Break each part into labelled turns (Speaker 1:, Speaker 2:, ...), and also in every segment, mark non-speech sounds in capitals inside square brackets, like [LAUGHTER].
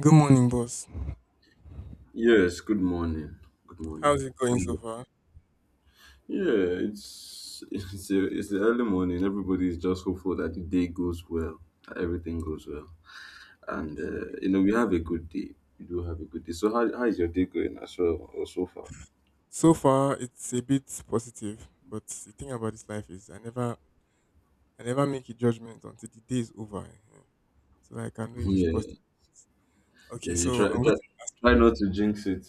Speaker 1: Good morning, boss.
Speaker 2: Yes, good morning. Good
Speaker 1: How's
Speaker 2: morning.
Speaker 1: it going so
Speaker 2: Um,
Speaker 1: far?
Speaker 2: Yeah, it's [LAUGHS] it's the early morning. Everybody is just hopeful that the day goes well, that everything goes well, and
Speaker 1: Um,
Speaker 2: you know we have a good day. We do have a good day. So how is your day going as well or so far?
Speaker 1: So far, it's a bit positive, but the thing about this life is I never make a judgment until the day is over, eh, so that I can
Speaker 2: [LAUGHS]
Speaker 1: know if it's positive.
Speaker 2: Yeah,
Speaker 1: Okay,
Speaker 2: yeah.
Speaker 1: so
Speaker 2: You try try try not to jinx it.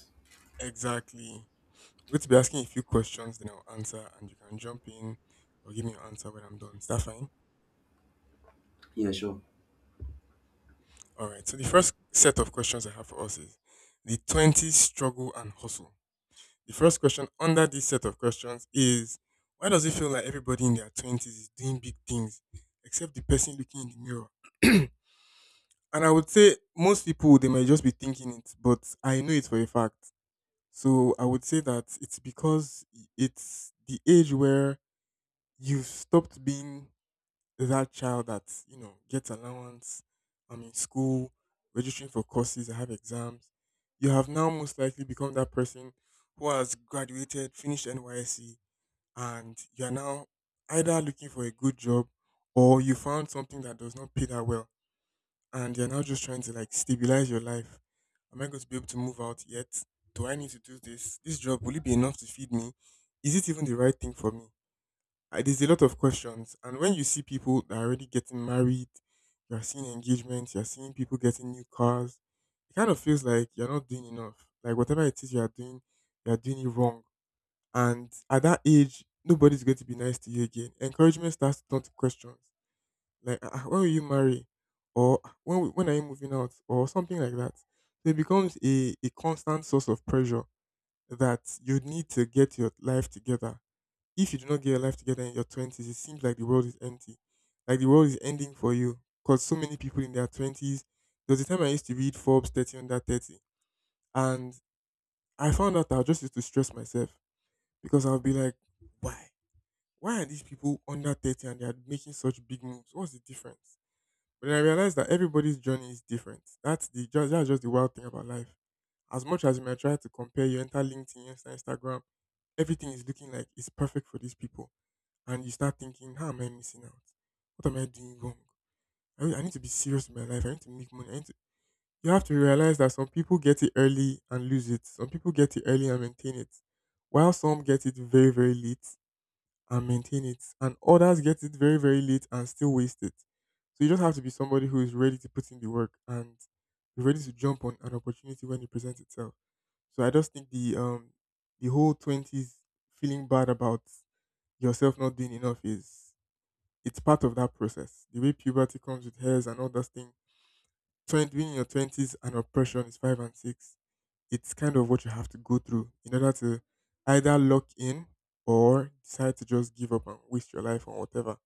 Speaker 1: to exactly I'm going to be asking a few questions, then I'll answer, and you can jump in or give me your answer when I'm done. Is that fine?
Speaker 2: Yeah, sure.
Speaker 1: All right. So the first set of questions I have for us is the 20s struggle and hustle. The first question under this set of questions is why does it feel like everybody in their 20s is doing big things except the person looking in the mirror? [CLEARS THROAT] And I would say most people, they might just be thinking it, but I know it for a fact. So I would say that it's because it's the age where you've stopped being that child that you know gets allowance, I'm in school, registering for courses, I have exams. You have now most likely become that person who has graduated, finished NYSC, and you are now either looking for a good job, or you found something that does not pay that well, and you're now just trying to like stabilize your life. Am I going to be able to move out yet? Do I need to do this? This job, will it be enough to feed me? Is it even the right thing for me? There's a lot of questions. And when you see people that are already getting married, you're seeing engagements, you're seeing people getting new cars, it kind of feels like you're not doing enough. Like whatever it is you're doing it wrong. And at that age, nobody's going to be nice to you again. Encouragement starts to turn to questions like, "Ah, when will you marry?" Or, "Ah, when are you moving out?" Or something like that. So it becomes a constant source of pressure that you need to get your life together. If you do not get your life together in your twenties, it seems like the world is empty, like the world is ending for you. Because so many people in their twenties. There was a time I used to read Forbes 30 under 30, and I found out that I just used to stress myself, because I'll be like, why? Why are these people under 30 and they are making such big moves? What's the difference? But then I realized that everybody's journey is different. That's that's just the wild thing about life. As much as you might try to compare, you enter LinkedIn, you enter Instagram, everything is looking like it's perfect for these people, and you start thinking, how am I missing out? What am I doing wrong? I need to be serious in my life. I need to make money. I need to, you have to realize that some people get it early and lose it. Some people get it early and maintain it, while some get it very, very late and maintain it, and others get it very, very late and still waste it. So you just have to be somebody who is ready to put in the work and ready to jump on an opportunity when it presents itself. So I just think the whole twenties feeling bad about yourself not doing enough is it's part of that process. The way puberty comes with hairs and all that thing. Being in your twenties and oppression is five and six. It's kind of what you have to go through in order to either lock in or decide to just give up and waste your life on whatever.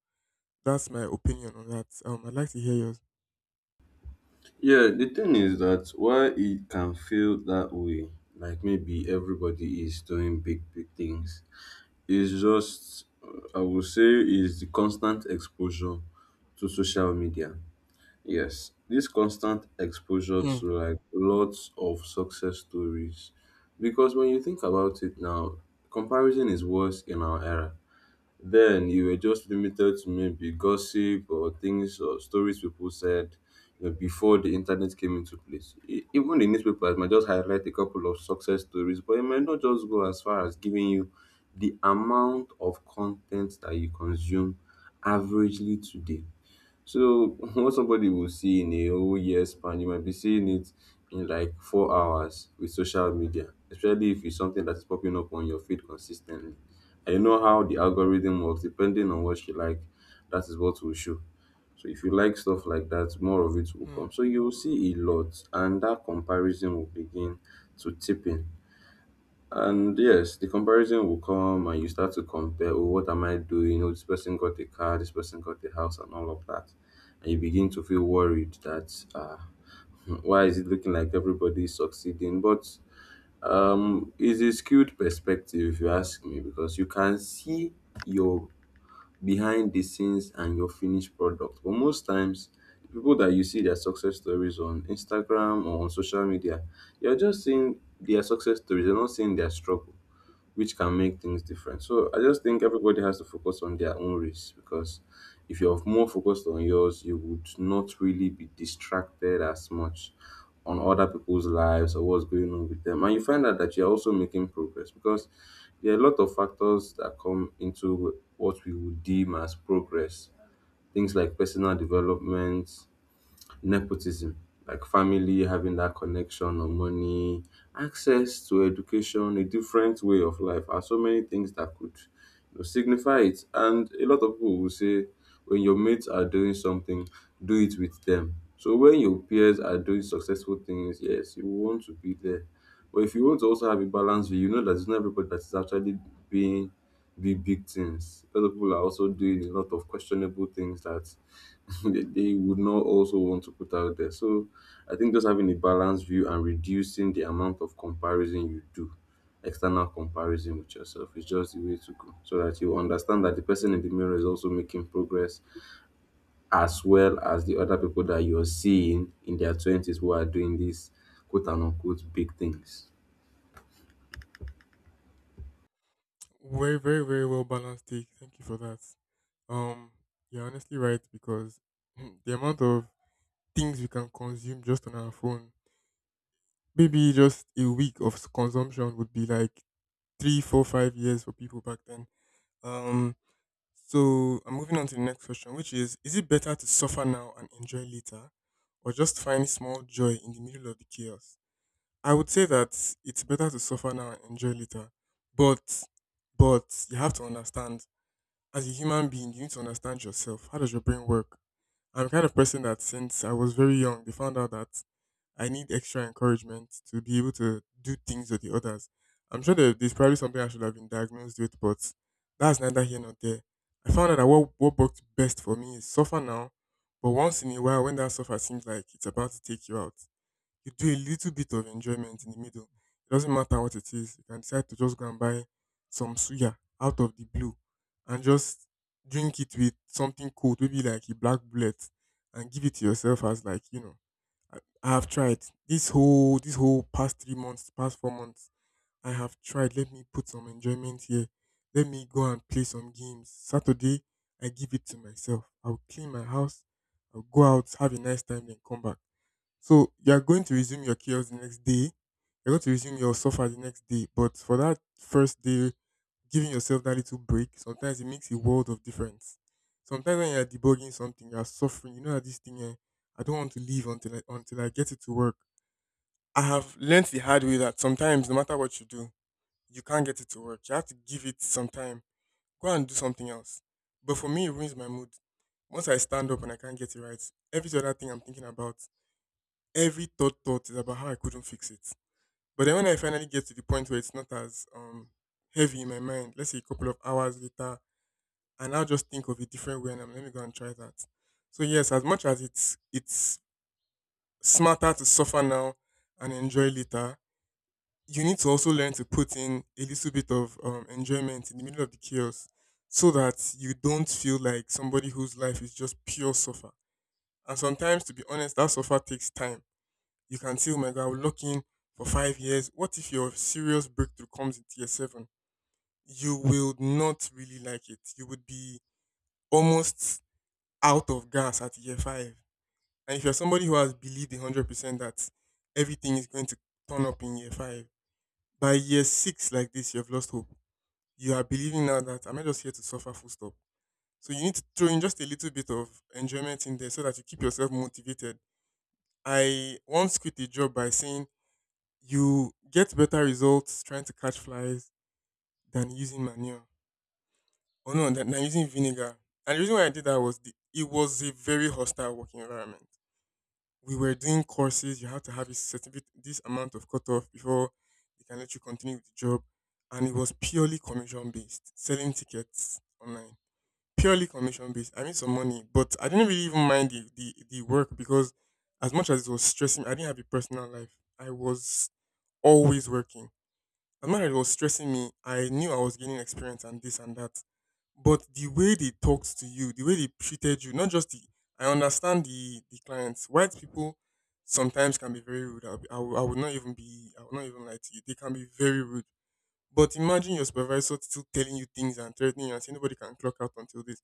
Speaker 1: That's my opinion on that. I'd like to hear yours.
Speaker 2: Yeah, the thing is that while it can feel that way, like maybe everybody is doing big, big things, it's just, I would say, is the constant exposure to social media. Yes, this constant exposure
Speaker 1: Hmm.
Speaker 2: to like lots of success stories. Because when you think about it now, comparison is worse in our era. Then you were just limited to maybe gossip or things or stories people said you know, before the internet came into place. E- Even the newspapers might just highlight a couple of success stories, but it might not just go as far as giving you the amount of content that you consume averagely today. So [LAUGHS] what somebody will see in a whole year span, you might be seeing it in like 4 hours with social media, especially if it's something that's popping up on your feed consistently. And you know how the algorithm works, depending on what you like, that is what will show. So if you like stuff like that, more of it will
Speaker 1: Hmm.
Speaker 2: come. So you will see a lot, and that comparison will begin to tip in. And yes, the comparison will come and you start to compare, oh, what am I doing? Oh, this person got a car, this person got a house, and all of that. And you begin to feel worried that, [LAUGHS] why is it looking like everybody is succeeding? But it's a skewed perspective, if you ask me, because you can see your behind the scenes and your finished product. But most times, the people that you see their success stories on Instagram or on social media, you're just seeing their success stories, you're not seeing their struggle, which can make things different. So I just think everybody has to focus on their own race, because if you're more focused on yours, you would not really be distracted as much on other people's lives or what's going on with them. And you find out that you're also making progress, because there are a lot of factors that come into what we would deem as progress. Things like personal development, nepotism, like family having that connection or money, access to education, a different way of life, are so many things that could, you know, signify it. And a lot of people will say, when your mates are doing something, do it with them. So when your peers are doing successful things, yes, you want to be there, but if you want to also have a balanced view, you know that it's not everybody that is actually being the big things. A lot of people are also doing a lot of questionable things that [LAUGHS] they would not also want to put out there. So I think just having a balanced view and reducing the amount of comparison you do, external comparison with yourself, is just the way to go. So that you understand that the person in the mirror is also making progress as well as the other people that you're seeing in their 20s who are doing these quote and unquote big things.
Speaker 1: Very, very, very well balanced take. Thank you for that. Um, you're honestly right because the amount of things we can consume just on our phone, maybe just a week of consumption would be like three, four, 5 years for people back then. Um, so I'm moving on to the next question, which is: is it better to suffer now and enjoy later, or just find small joy in the middle of the chaos? I would say that it's better to suffer now and enjoy later, but you have to understand as a human being, you need to understand yourself. How does your brain work? I'm the kind of person that since I was very young, they found out that I need extra encouragement to be able to do things with the others. I'm sure that there's probably something I should have been diagnosed with, but that's neither here nor there. I found out that what worked best for me is suffer now, but once in a while, when that suffer seems like it's about to take you out, you do a little bit of enjoyment in the middle. It doesn't matter what it is. You can decide to just go and buy some suya out of the blue and just drink it with something cold, maybe like a black bullet, and give it to yourself as, like, you know, I have tried this whole past 3 months, past 4 months. I have tried. Let me put some enjoyment here. Let me go and play some games. Saturday, I give it to myself. I'll clean my house. I'll go out, have a nice time, then come back. So you're going to resume your chaos the next day. You're going to resume your suffer the next day. But for that first day, giving yourself that little break, sometimes it makes a world of difference. Sometimes when you're debugging something, you're suffering. You know that this thing, eh, I don't want to leave until I get it to work. I have learnt the hard way that sometimes, no matter what you do, you can't get it to work. You have to give it some time. Go and do something else. But for me, it ruins my mood. Once I stand up and I can't get it right, every other thing I'm thinking about, every third thought is about how I couldn't fix it. But then when I finally get to the point where it's not as heavy in my mind, let's say a couple of hours later, and I'll just think of a different way and I'm, let me go and try that. So yes, as much as it's smarter to suffer now and enjoy later, you need to also learn to put in a little bit of enjoyment in the middle of the chaos so that you don't feel like somebody whose life is just pure suffer. And sometimes, to be honest, that suffer takes time. You can say, oh my God, I will lock in for 5 years. What if your serious breakthrough comes into year 7? You will not really like it. You would be almost out of gas at year 5. And if you're somebody who has believed 100% that everything is going to turn up in year 5, by year 6, like this, you have lost hope. You are believing now that I'm not just here to suffer, full stop. So you need to throw in just a little bit of enjoyment in there so that you keep yourself motivated. I once quit a job by saying you get better results trying to catch flies than using manure. Oh no, than using vinegar. And the reason why I did that was it was a very hostile working environment. We were doing courses, you have to have a certificate, this amount of cutoff, before they can let you continue with the job. And it was purely commission based, selling tickets online, purely commission based. I made some money, but I didn't really even mind the work because, as much as it was stressing, I didn't have a personal life, I was always working. I'm not It was stressing me. I knew I was gaining experience and this and that. But the way they talked to you, the way they treated you, not just I understand the clients. White people sometimes can be very rude. I'll be, I, will, I would not even be, I would not even lie to you. They can be very rude. But imagine your supervisor still telling you things and threatening you and saying nobody can clock out until this.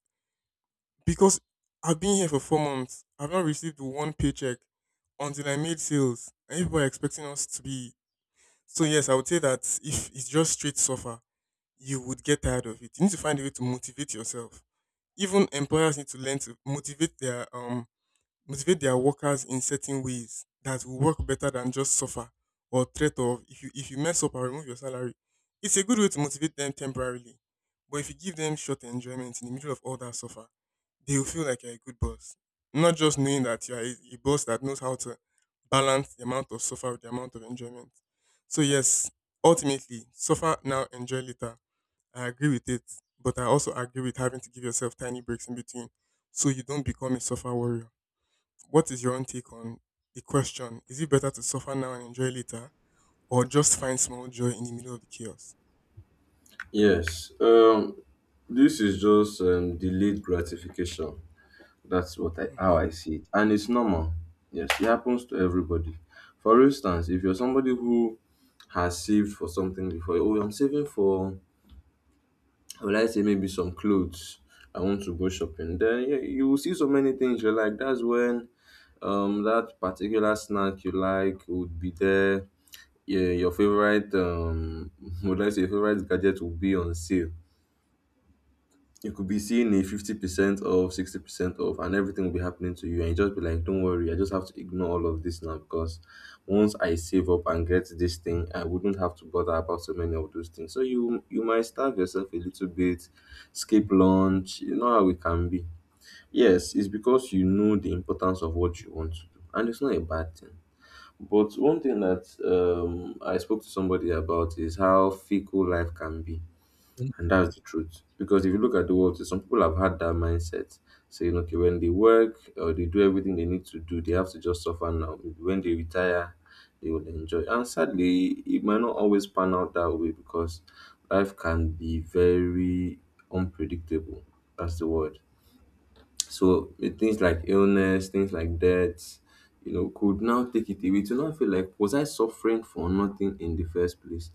Speaker 1: Because I've been here for 4 months. I've not received one paycheck until I made sales. And people are expecting us to be. So yes, I would say that if it's just straight suffer, you would get tired of it. You need to find a way to motivate yourself. Even employers need to learn to motivate their workers in certain ways that will work better than just suffer or threat of if you mess up and remove your salary. It's a good way to motivate them temporarily. But if you give them short enjoyment in the middle of all that suffer, they will feel like you're a good boss. Not just knowing that you're a boss that knows how to balance the amount of suffer with the amount of enjoyment. So yes, ultimately, suffer now, enjoy later, I agree with it, but I also agree with having to give yourself tiny breaks in between so you don't become a suffer warrior. What is your own take on the question? Is it better to suffer now and enjoy later, or just find small joy in the middle of the chaos?
Speaker 2: Yes. This is just delayed gratification. That's what I how
Speaker 1: Mm-hmm.
Speaker 2: I see it, and it's normal. Yes, it happens to everybody. For instance, if you're somebody who has saved for something before, oh, I'm saving for, will I say maybe some clothes. I want to go shopping. Then yeah, you will see so many things you like. That's when that particular snack you like would be there. Yeah, your favorite [LAUGHS] would I say your favorite gadget will be on sale. You could be seeing a 50% off, 60% off, and everything will be happening to you. And you just be like, don't worry, I just have to ignore all of this now, because once I save up and get this thing, I wouldn't have to bother about so many of those things. So you might starve yourself a little bit, skip lunch, you know how it can be. Yes, it's because you know the importance of what you want to do. And it's not a bad thing. But one thing that I spoke to somebody about is how fickle life can be, and that's the truth. Because if you look at the world, some people have had that mindset, saying, okay, when they work or they do everything they need to do, they have to just suffer now. When they retire, they will enjoy. And sadly, it might not always pan out that way, because life can be very unpredictable. That's the word. So with things like illness, things like death, you know, could now take it away to not feel like, was I suffering for nothing in the first place?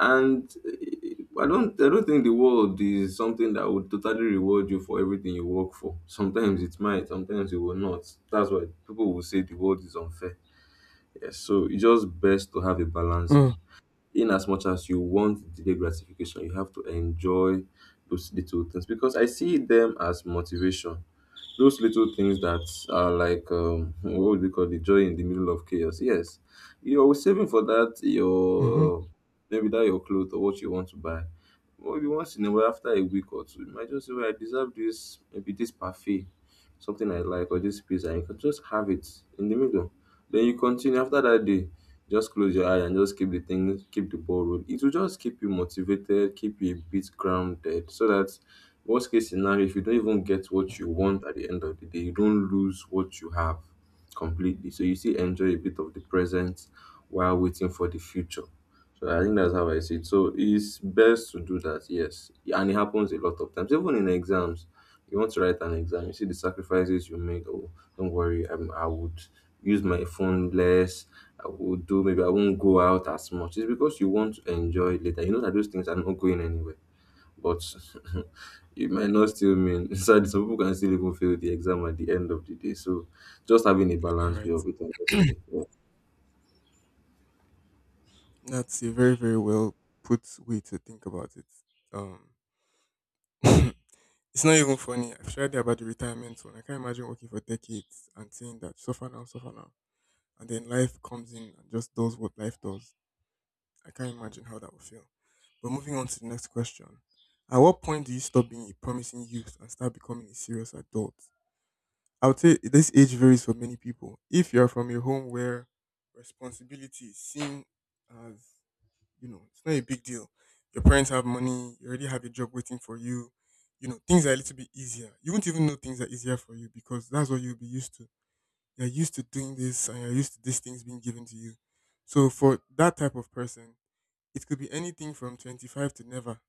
Speaker 2: And eh, I don't think the world is something that would totally reward you for everything you work for. [LAUGHS] Sometimes it might, sometimes it will not. That's why people will say the world is unfair. Yes, so it's just best to have a balanced view. In as much as you want delayed gratification, you have to enjoy those little things because I see them as motivation. Those little things that are like, [LAUGHS] what would you call the joy in the middle of chaos? Yes, you're saving for that.
Speaker 1: Mm-hmm.
Speaker 2: Your maybe that your clothes or what you want to buy. Maybe once in a while, after a week or two, you might just say, "Well, I deserve this. Maybe this parfait." Something I like or this pizza, you can just have it in the middle. Then you continue after that day. Just close your eye and just keep the thing, keep the ball rolling. It will just keep you motivated, keep you a bit grounded, so that worst case scenario, if you don't even get what you want at the end of the day, you don't lose what you have completely. So you still enjoy a bit of the present while waiting for the future. So I think that's how I see it. So it's best to do that, yes. And it happens a lot of times, even in exams. You want to write an exam, you see the sacrifices you make. Oh, don't worry, I would use my phone less. I would do maybe I won't go out as much. It's because you want to enjoy it later. You know that those things are not going anywhere, but [LAUGHS] it might not still mean. [LAUGHS] So some people can still even fail the exam at the end of the day. So just having a
Speaker 1: All
Speaker 2: balanced view
Speaker 1: right.
Speaker 2: of it, honestly. Yeah.
Speaker 1: That's a very, very well put way to think about it. Um, [LAUGHS] it's not even funny. I've shared about the retirement one. I can't imagine working for decades and saying that suffer now, suffer now. And then life comes in and just does what life does. I can't imagine how that would feel. But moving on to the next question. At what point do you stop being a promising youth and start becoming a serious adult? I would say this age varies for many people. If you're from a home where responsibility is seen as, it's not a big deal. Your parents have money, you already have a job waiting for you. Things are a little bit easier. You won't even know things are easier for you because that's what you'll be used to. You're used to doing this and you're used to these things being given to you. So for that type of person, it could be anything from 25 to never,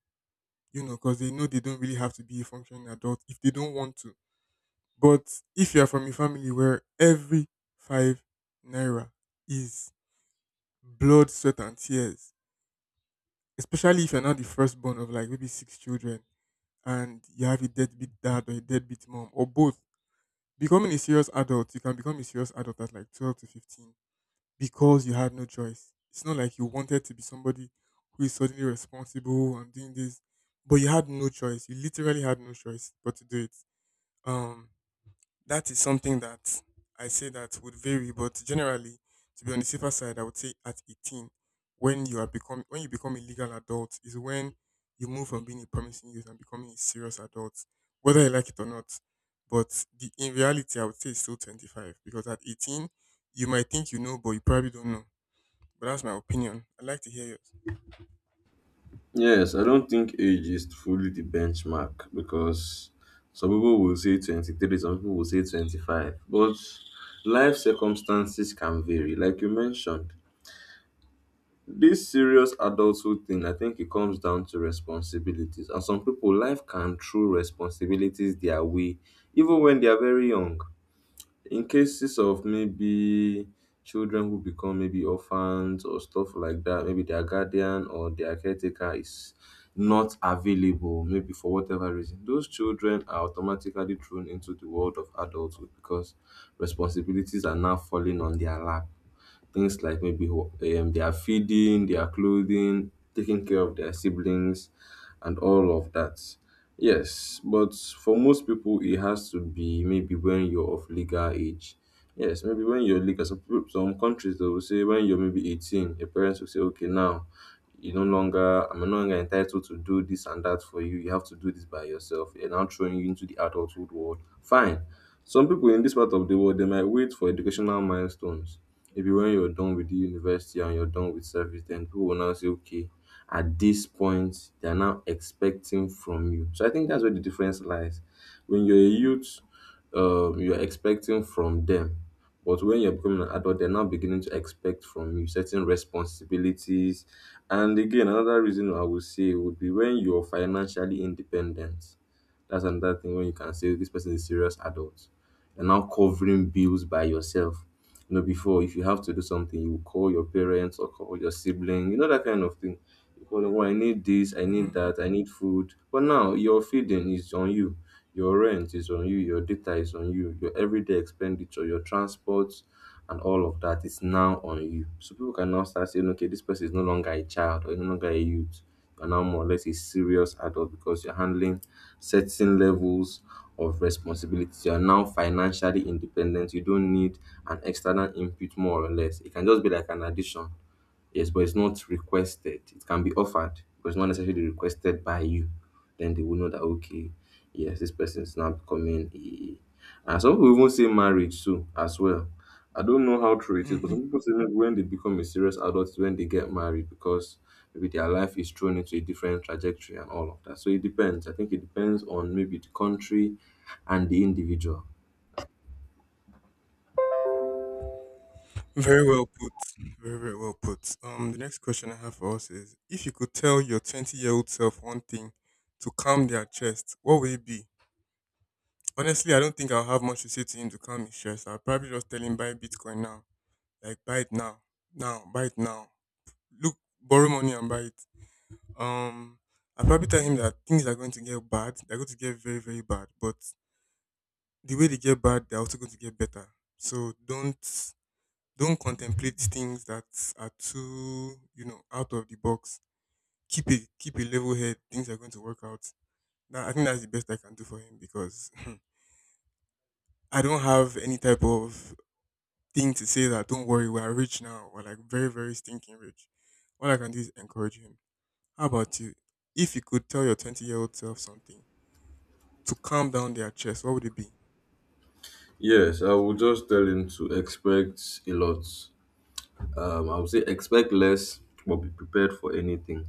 Speaker 1: because they know they don't really have to be a functioning adult if they don't want to. But if you're from a family where every 5 naira is blood, sweat, and tears, especially if you're not the firstborn of like maybe six children and you have a deadbeat dad or a deadbeat mom or both, becoming a serious adult, you can become a serious adult at like 12 to 15 because you had no choice. It's not like you wanted to be somebody who is suddenly responsible and doing this, but you had no choice. You literally had no choice but to do it. Um, that is something that I say that would vary, but generally, to be on the safer side, I would say at 18, when you become a legal adult, is when you move from being a promising youth and becoming a serious adult, whether you like it or not. But the in reality, I would say it's still 25 because at 18, you might think you know, but you probably don't know. But that's my opinion. I'd like to hear yours.
Speaker 2: Yes, I don't think age is fully the benchmark because some people will say 23, some people will say 25, but life circumstances can vary. Like you mentioned, this serious adulthood thing, I think it comes down to responsibilities. And some people, life can throw responsibilities their way, even when they are very young, in cases of maybe children who become maybe orphans or stuff like that, maybe their guardian or their caretaker is not available, maybe for whatever reason, those children are automatically thrown into the world of adulthood because responsibilities are now falling on their lap. Things like maybe ho- their feeding, their clothing, taking care of their siblings, and all of that. Yes, but for most people, it has to be maybe when you're of legal age. Yes, maybe when you're legal. Some, people- some countries, they will say when you're maybe 18, your parents will say, okay, now you no longer, I'm no longer entitled to do this and that for you. You have to do this by yourself. They're now throwing you into the adulthood world. Fine. Some people in this part of the world, they might wait for educational milestones. Maybe when you're done with the university and you're done with service, then people will now say, okay, at this point they are now expecting from you. So I think that's where the difference lies. When you're a youth, you're expecting from them, but when you're becoming an adult, they're now beginning to expect from you certain responsibilities. And again, another reason I would say would be when you're financially independent. That's another thing when you can say this person is a serious adult. You're now covering bills by yourself. You know, before, if you have to do something, you call your parents or call your sibling, you know, that kind of thing. You call them, "Oh, I need this, I
Speaker 1: Hmm.
Speaker 2: need that, I need food." But now your feeding is on you, your rent is on you, your data is on you, your everyday expenditure, your transport and all of that is now on you. So people can now start saying, okay, this person is no longer a child or no longer a youth. You are now more or less a serious adult because you're handling certain levels of responsibility. You are now financially independent. You don't need an external input more or less. It can just be like an addition. Yes, but it's not requested. It can be offered, but it's not necessarily requested by you. Then they will know that, okay, yes, this person is now becoming a, and some people even say marriage too as well. I don't know how true it is, but
Speaker 1: Hmm.
Speaker 2: some people say maybe when they become a serious adult is when they get married because maybe their life is thrown into a different trajectory and all of that. So it depends. I think it depends on maybe the country and the individual.
Speaker 1: Very well put. Very, very well put. The next question I have for us is: if you could tell your 20-year-old-year-old self one thing to calm their chest, what would it be? Honestly, I don't think I'll have much to say to him to calm his chest. I'll probably just tell him buy Bitcoin now, like buy it now, now, buy it now. Look, borrow money and buy it. Um, I'll probably tell him that things are going to get bad. They're going to get very, very bad. But the way they get bad, they're also going to get better. So don't contemplate things that are too, you know, out of the box. Keep a level head. Things are going to work out. That, I think that's the best I can do for him because [LAUGHS] [CLEARS THROAT] I don't have any type of thing to say that don't worry, we're rich now. We're like very, very stinking rich. All I can do is encourage him. How about you? If you could tell your 20-year-old old self something to calm down their chest, what would it be?
Speaker 2: Yes, I will just tell him to expect a lot. I would say expect less, but be prepared for anything.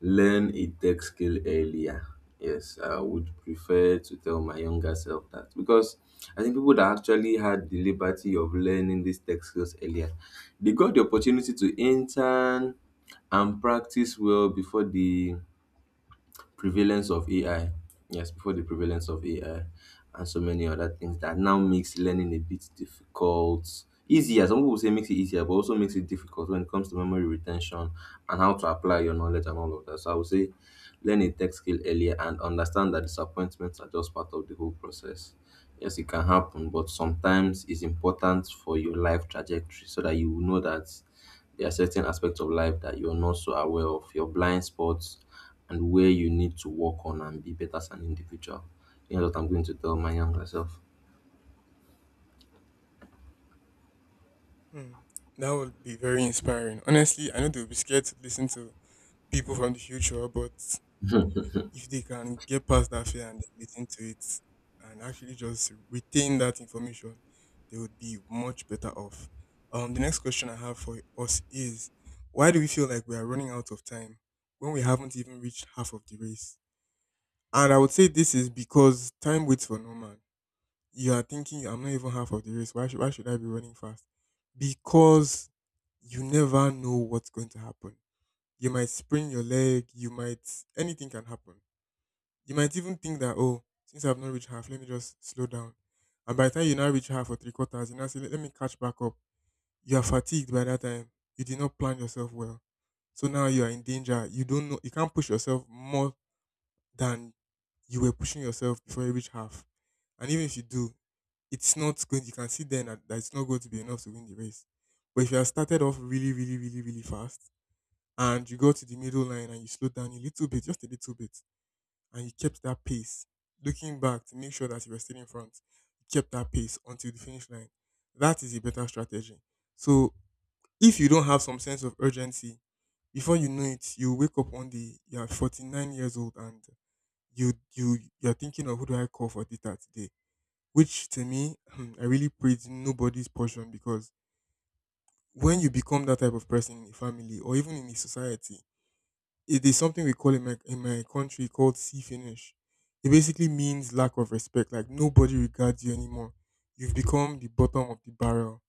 Speaker 2: Learn a tech skill earlier. Yes, I would prefer to tell my younger self that because I think people that actually had the liberty of learning these tech skills earlier, they got the opportunity to intern and practice well before the prevalence of AI. Yes, before the prevalence of AI and so many other things that now makes learning a bit difficult. Easier. Some people say makes it easier, but also makes it difficult when it comes to memory retention and how to apply your knowledge and all of that. So I would say learn a tech skill earlier and understand that disappointments are just part of the whole process. Yes, it can happen, but sometimes it's important for your life trajectory so that you will know that there are certain aspects of life that you're not so aware of, your blind spots, and where you need to work on and be better as an individual. You know what I'm going to tell my younger self.
Speaker 1: Hmm. That would be very inspiring. Honestly, I know they would be scared to listen to people from the future, but if they can get past that fear and then listen to it and actually just retain that information, they would be much better off. The next question I have for us is, why do we feel like we are running out of time when we haven't even reached half of the race? And I would say this is because time waits for no man. You are thinking I'm not even half of the race. Why should I be running fast? Because you never know what's going to happen. You might sprain your leg, you might anything can happen. You might even think that, oh, since I've not reached half, let me just slow down. And by the time you now reach half or three quarters, you now say, let me catch back up. You are fatigued by that time. You did not plan yourself well. So now you are in danger. You don't know, you can't push yourself more than you were pushing yourself before you reach half. And even if you do, it's not going, you can see then that it's not going to be enough to win the race. But if you have started off really, really, really, really fast and you go to the middle line and you slow down a little bit, just a little bit, and you kept that pace, looking back to make sure that you were still in front, you kept that pace until the finish line. That is a better strategy. So if you don't have some sense of urgency, before you know it, you wake up one day, you are 49 years old and you're thinking of who do I call for data today? Which to me, [CLEARS THROAT] I really praise nobody's portion because when you become that type of person in a family or even in a society, it is something we call in my country called C finish. It basically means lack of respect. Like nobody regards you anymore. You've become the bottom of the barrel,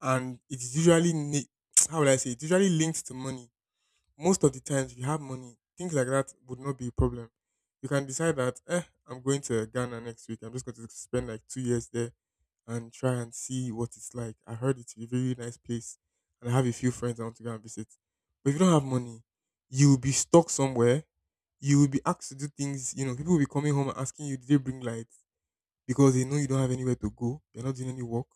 Speaker 1: and it's usually [TSK] how would I say? It's usually linked to money. Most of the times, if you have money, things like that would not be a problem. You can decide that, eh, I'm going to Ghana next week. I'm just going to spend like 2 years there and try and see what it's like. I heard it's a very nice place, and I have a few friends I want to go and visit. But if you don't have money, you'll be stuck somewhere. You will be asked to do things. You know, people will be coming home and asking you, "Did they bring lights?" Because they know you don't have anywhere to go. You're not doing any work,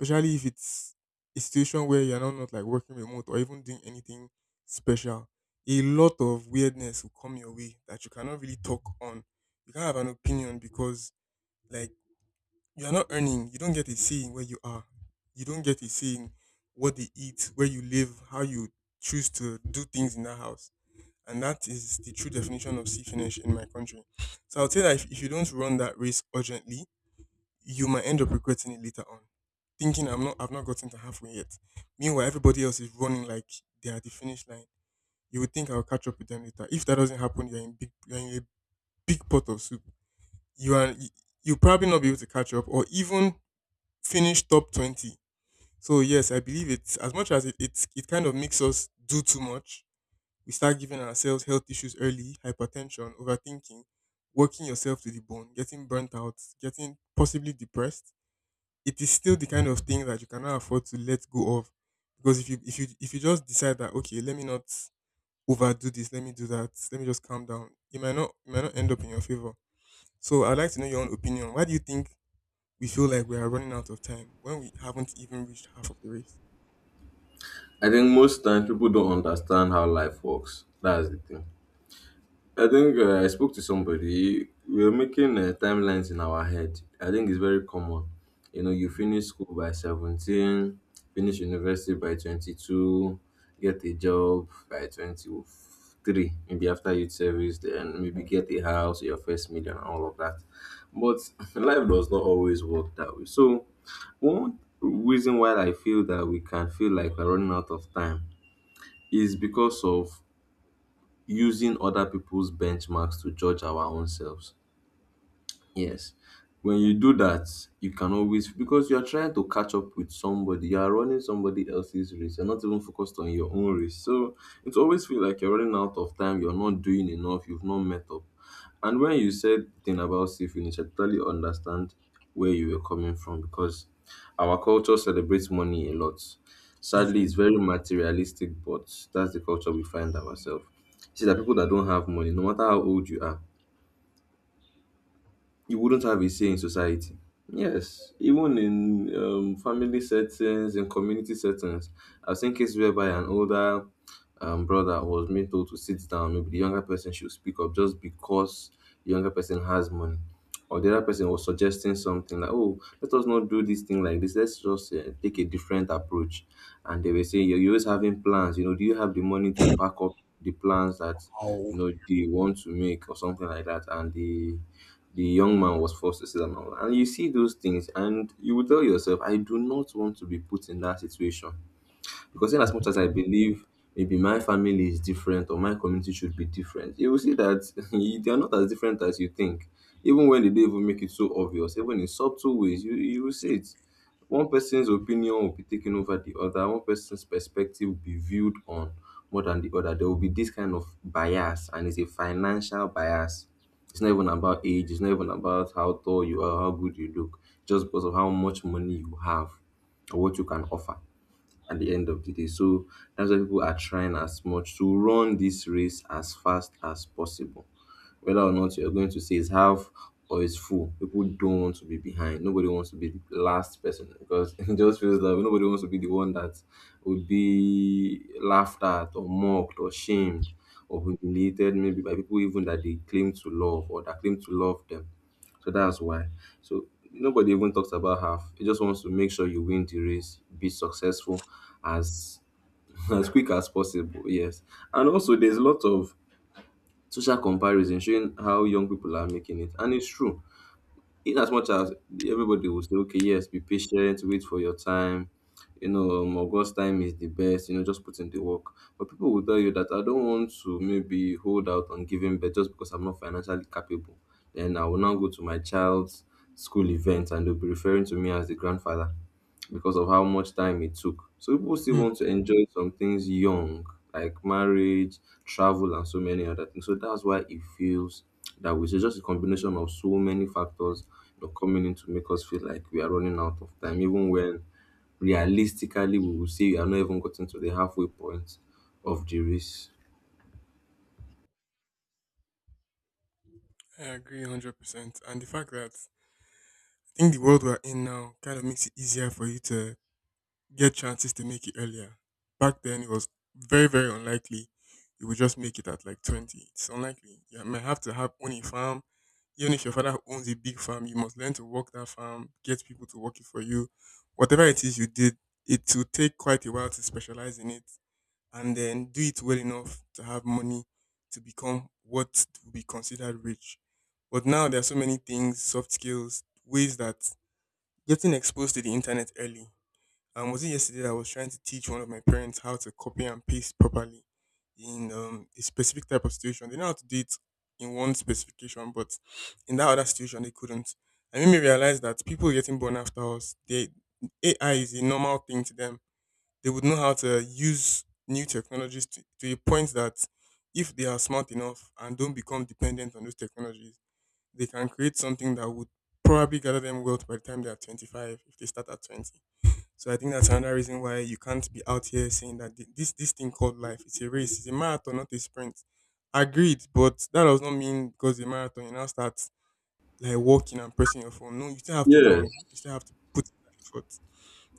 Speaker 1: especially if it's a situation where you're not like working remote or even doing anything special. A lot of weirdness will come your way that you cannot really talk on. You can't have an opinion because, like, you're not earning. You don't get a say in where you are. You don't get a say in what they eat, where you live, how you choose to do things in that house, and that is the true definition of see finish in my country. So I would say that if you don't run that race urgently, you might end up regretting it later on. Thinking I've not gotten to halfway yet. Meanwhile, everybody else is running like they are at the finish line. You would think I'll catch up with them later. If that doesn't happen, you're in a big pot of soup. You are you you'll probably not be able to catch up or even finish top 20. So yes, I believe it's as much as it kind of makes us do too much. We start giving ourselves health issues early, hypertension, overthinking, working yourself to the bone, getting burnt out, getting possibly depressed. It is still the kind of thing that you cannot afford to let go of. Because if you just decide that okay, let me not overdo this, let me do that, let me just calm down, it might not end up in your favor. So I'd like to know your own opinion. Why do you think we feel like we are running out of time when we haven't even reached half of the race?
Speaker 2: I think most times people don't understand how life works. That's the thing. I think I spoke to somebody. We are making timelines in our head. I think it's very common. You know, you
Speaker 1: Hmm.
Speaker 2: finish school by 17, finish university by 22, get a job by 23, maybe after youth service, then maybe get a house, your first million, and all of that. But [LAUGHS] life does not always work that way. So, one reason why I feel that we can feel like we're running out of time is because of using other people's benchmarks to judge our own selves. Yes. When you do that, you can always because you are trying to catch up with somebody. You are running somebody else's race. You're not even focused on your own race. So it always feels like you're running out of time. You're not doing enough. You've not met up. And when you said thing about seafood, I totally understand where you were coming from because our culture celebrates money a lot. Sadly,
Speaker 1: Definitely.
Speaker 2: it's very materialistic, but that's the culture we find ourselves. See, that people that don't have money, no matter how old you are, you wouldn't have a say in society. Yes, even in family settings, in community settings, I've seen cases whereby an older brother was being told to sit down, maybe the younger person should speak up just because the younger person has money. Or the other person was suggesting something like, oh, let us not do this thing like this. Let's just take a different approach. And they were saying, you're always having plans. You know, do you have the money to back up the plans that,
Speaker 1: How
Speaker 2: you know, they want to make or something like that? And the young man was forced to sit down. And all that. And you see those things and you will tell yourself, I do not want to be put in that situation. Because in as much as I believe maybe my family is different or my community should be different, you will see that [LAUGHS] they are not as different as you think. Even when they don't even make it so obvious, even in subtle ways, you will see it. One person's opinion will be taken over the other, one person's perspective will be viewed on more than the other. There will be this kind of bias, and it's a financial bias. It's not even about age, it's not even about how tall you are, how good you look, just because of how much money you have or what you can offer at the end of the day. So that's why people are trying as much to run this race as fast as possible. Whether or not you're going to say it's half or it's full, people don't want to be behind. Nobody wants to be the last person because [LAUGHS] it just feels like nobody wants to be the one that would be laughed at or mocked or shamed or humiliated maybe by people even that they claim to love or that claim to love them. So that's why. So nobody even talks about half. It just wants to make sure you win the race, be successful as [LAUGHS] as quick as possible. Yes. And also there's a lot of social comparison showing how young people are making it. And it's true in as much as everybody will say, okay, yes, be patient, wait for your time. You know, August time is the best. You know, just put in the work. But people will tell you that I don't want to maybe hold out on giving birth just because I'm not financially capable. Then I will now go to my child's school event and they'll be referring to me as the grandfather because of how much time it took. So people still
Speaker 1: Hmm.
Speaker 2: want to enjoy some things young, like marriage, travel, and so many other things. So that's why it feels that way. So just a combination of so many factors, you know, coming in to make us feel like we are running out of time, even when realistically we will say we are not even gotten to the halfway point of the race.
Speaker 1: I agree 100%. And the fact that I think the world we're in now kind of makes it easier for you to get chances to make it earlier. Back then, it was very, very unlikely you would just make it at like 20. It's unlikely. You might have to have own a farm. Even if your father owns a big farm, you must learn to work that farm, get people to work it for you. Whatever it is you did, it will take quite a while to specialize in it and then do it well enough to have money to become what would be considered rich. But now there are so many things, soft skills, ways that getting exposed to the internet early. Was it yesterday that I was trying to teach one of my parents how to copy and paste properly in a specific type of situation? They know how to do it in one specification, but in that other situation, they couldn't. I made me realize that people getting born after us, they, AI is a normal thing to them. They would know how to use new technologies to a point that if they are smart enough and don't become dependent on those technologies, they can create something that would probably gather them wealth by the time they are 25 if they start at 20. So I think that's another reason why you can't be out here saying that this thing called life, it's a race, it's a marathon, not a sprint. Agreed, but that does not mean because it's a marathon you now start like walking and pressing your phone. No, you still have to run,
Speaker 2: Yes.
Speaker 1: you still have to put in that effort.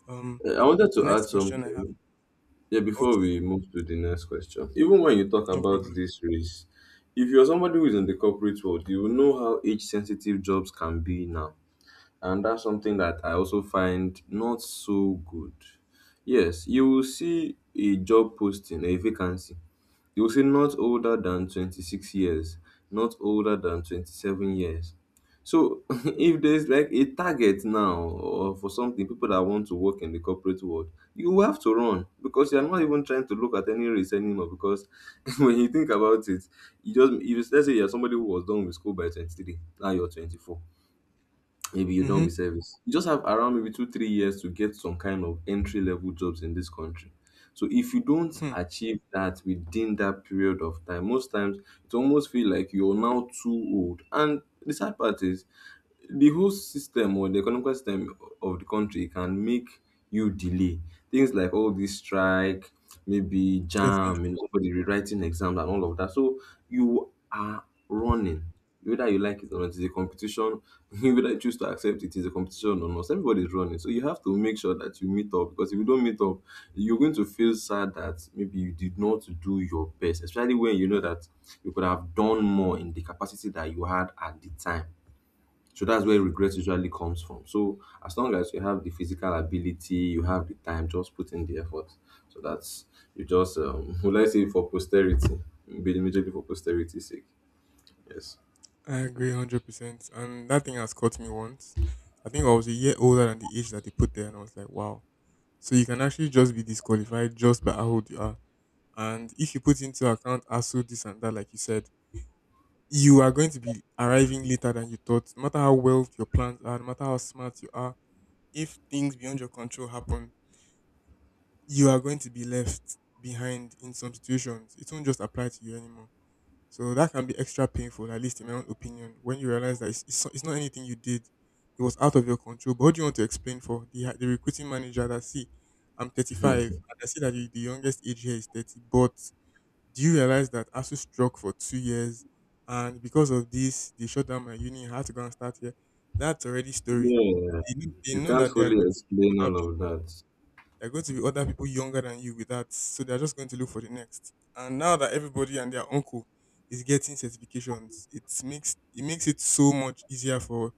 Speaker 1: um
Speaker 2: I wanted
Speaker 1: the
Speaker 2: to add
Speaker 1: next question I have.
Speaker 2: something. Yeah, before we
Speaker 1: Okay,
Speaker 2: move to the next question, even when you talk
Speaker 1: no
Speaker 2: about
Speaker 1: problem.
Speaker 2: this race, if you're somebody who is in the corporate world, you will know how age sensitive jobs can be now. And that's something that I also find not so good. Yes, you will see a job posting, a vacancy, they will say not older than 26 years, not older than 27 years. So [LAUGHS] if there's like a target now or for something, people that want to work in the corporate world, you will have to run because you're not even trying to look at any race anymore. Because [LAUGHS] when you think about it, you just if let's say you're somebody who was done with school by 23, now you're 24, maybe you're done
Speaker 1: Mm-hmm.
Speaker 2: with service. You just have around maybe two, 3 years to get some kind of entry level jobs in this country. So if you don't
Speaker 1: Hmm,
Speaker 2: achieve that within that period of time, most times it almost feel like you're now too old. And the sad part is the whole system or the economic system of the country can make you delay things like all this strike, maybe jam,
Speaker 1: definitely.
Speaker 2: you know, somebody rewriting exams and all of that. So you are running, whether you like it or not. It's a competition. [LAUGHS] Whether you choose to accept it is a competition or not. Everybody's running. So you have to make sure that you meet up because if you don't meet up, you're going to feel sad that maybe you did not do your best, especially when you know that you could have done more in the capacity that you had at the time. So that's where regret usually comes from. So as long as you have the physical ability, you have the time, just put in the effort. So that's, you just [LAUGHS] would I say for posterity, be majorly for posterity's sake. Yes.
Speaker 1: I agree 100%. And that thing has caught me once. I think I was a year older than the age that they put there, and I was like, wow. So you can actually just be disqualified just by how old you are. And if you put into account ASU, this and that, like you said, you are going to be arriving later than you thought. No matter how well your plans are, no matter how smart you are, if things beyond your control happen, you are going to be left behind in some situations. It won't just apply to you anymore. So that can be extra painful, at least in my own opinion, when you realize that it's not anything you did. It was out of your control. But what do you want to explain for the recruiting manager that, see, I'm 35 and I see that the youngest age here is 30. But do you realize that ASU struck for 2 years, and because of this, they shut down my uni. I had to go and start here. That's already story.
Speaker 2: Yeah,
Speaker 1: They know, they
Speaker 2: you
Speaker 1: know
Speaker 2: can't
Speaker 1: that they are
Speaker 2: fully explain
Speaker 1: going to
Speaker 2: all
Speaker 1: be
Speaker 2: of
Speaker 1: other
Speaker 2: that.
Speaker 1: there are going to be other people younger than you with that, so they're just going to look for the next. And now that everybody and their uncle is getting certifications, it makes it so much easier for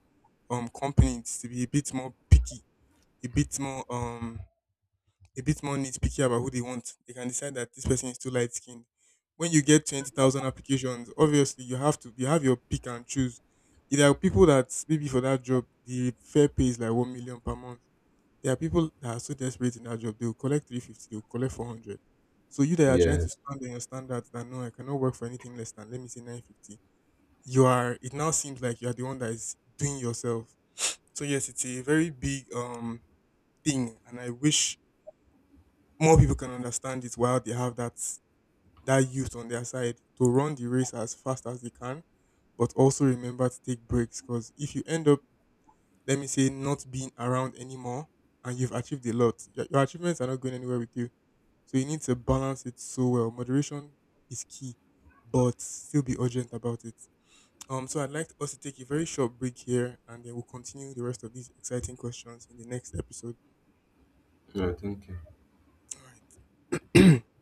Speaker 1: companies to be a bit more picky, a bit more um a bit more nitpicky about who they want. They can decide that this person is too light skinned. When you get 20,000 applications, obviously you have your pick and choose. There are people that maybe for that job the fair pay is like 1 million per month. There are people that are so desperate in that job, they'll collect 350, they'll collect 400. So you that are trying
Speaker 2: Yeah,
Speaker 1: to stand on your standards that no, I cannot work for anything less than, let me say, 950. You are, it now seems like you are the one that is doing yourself. So yes, it's a very big thing, and I wish more people can understand it while they have that that youth on their side to run the race as fast as they can, but also remember to take breaks, because if you end up, let me say, not being around anymore and you've achieved a lot, your achievements are not going anywhere with you. So you need to balance it so well. Moderation is key, but still be urgent about it. So I'd like us to take a very short break here, and then we'll continue the rest of these exciting questions in the next episode.
Speaker 2: right. Thank you.
Speaker 1: All right. [CLEARS THROAT]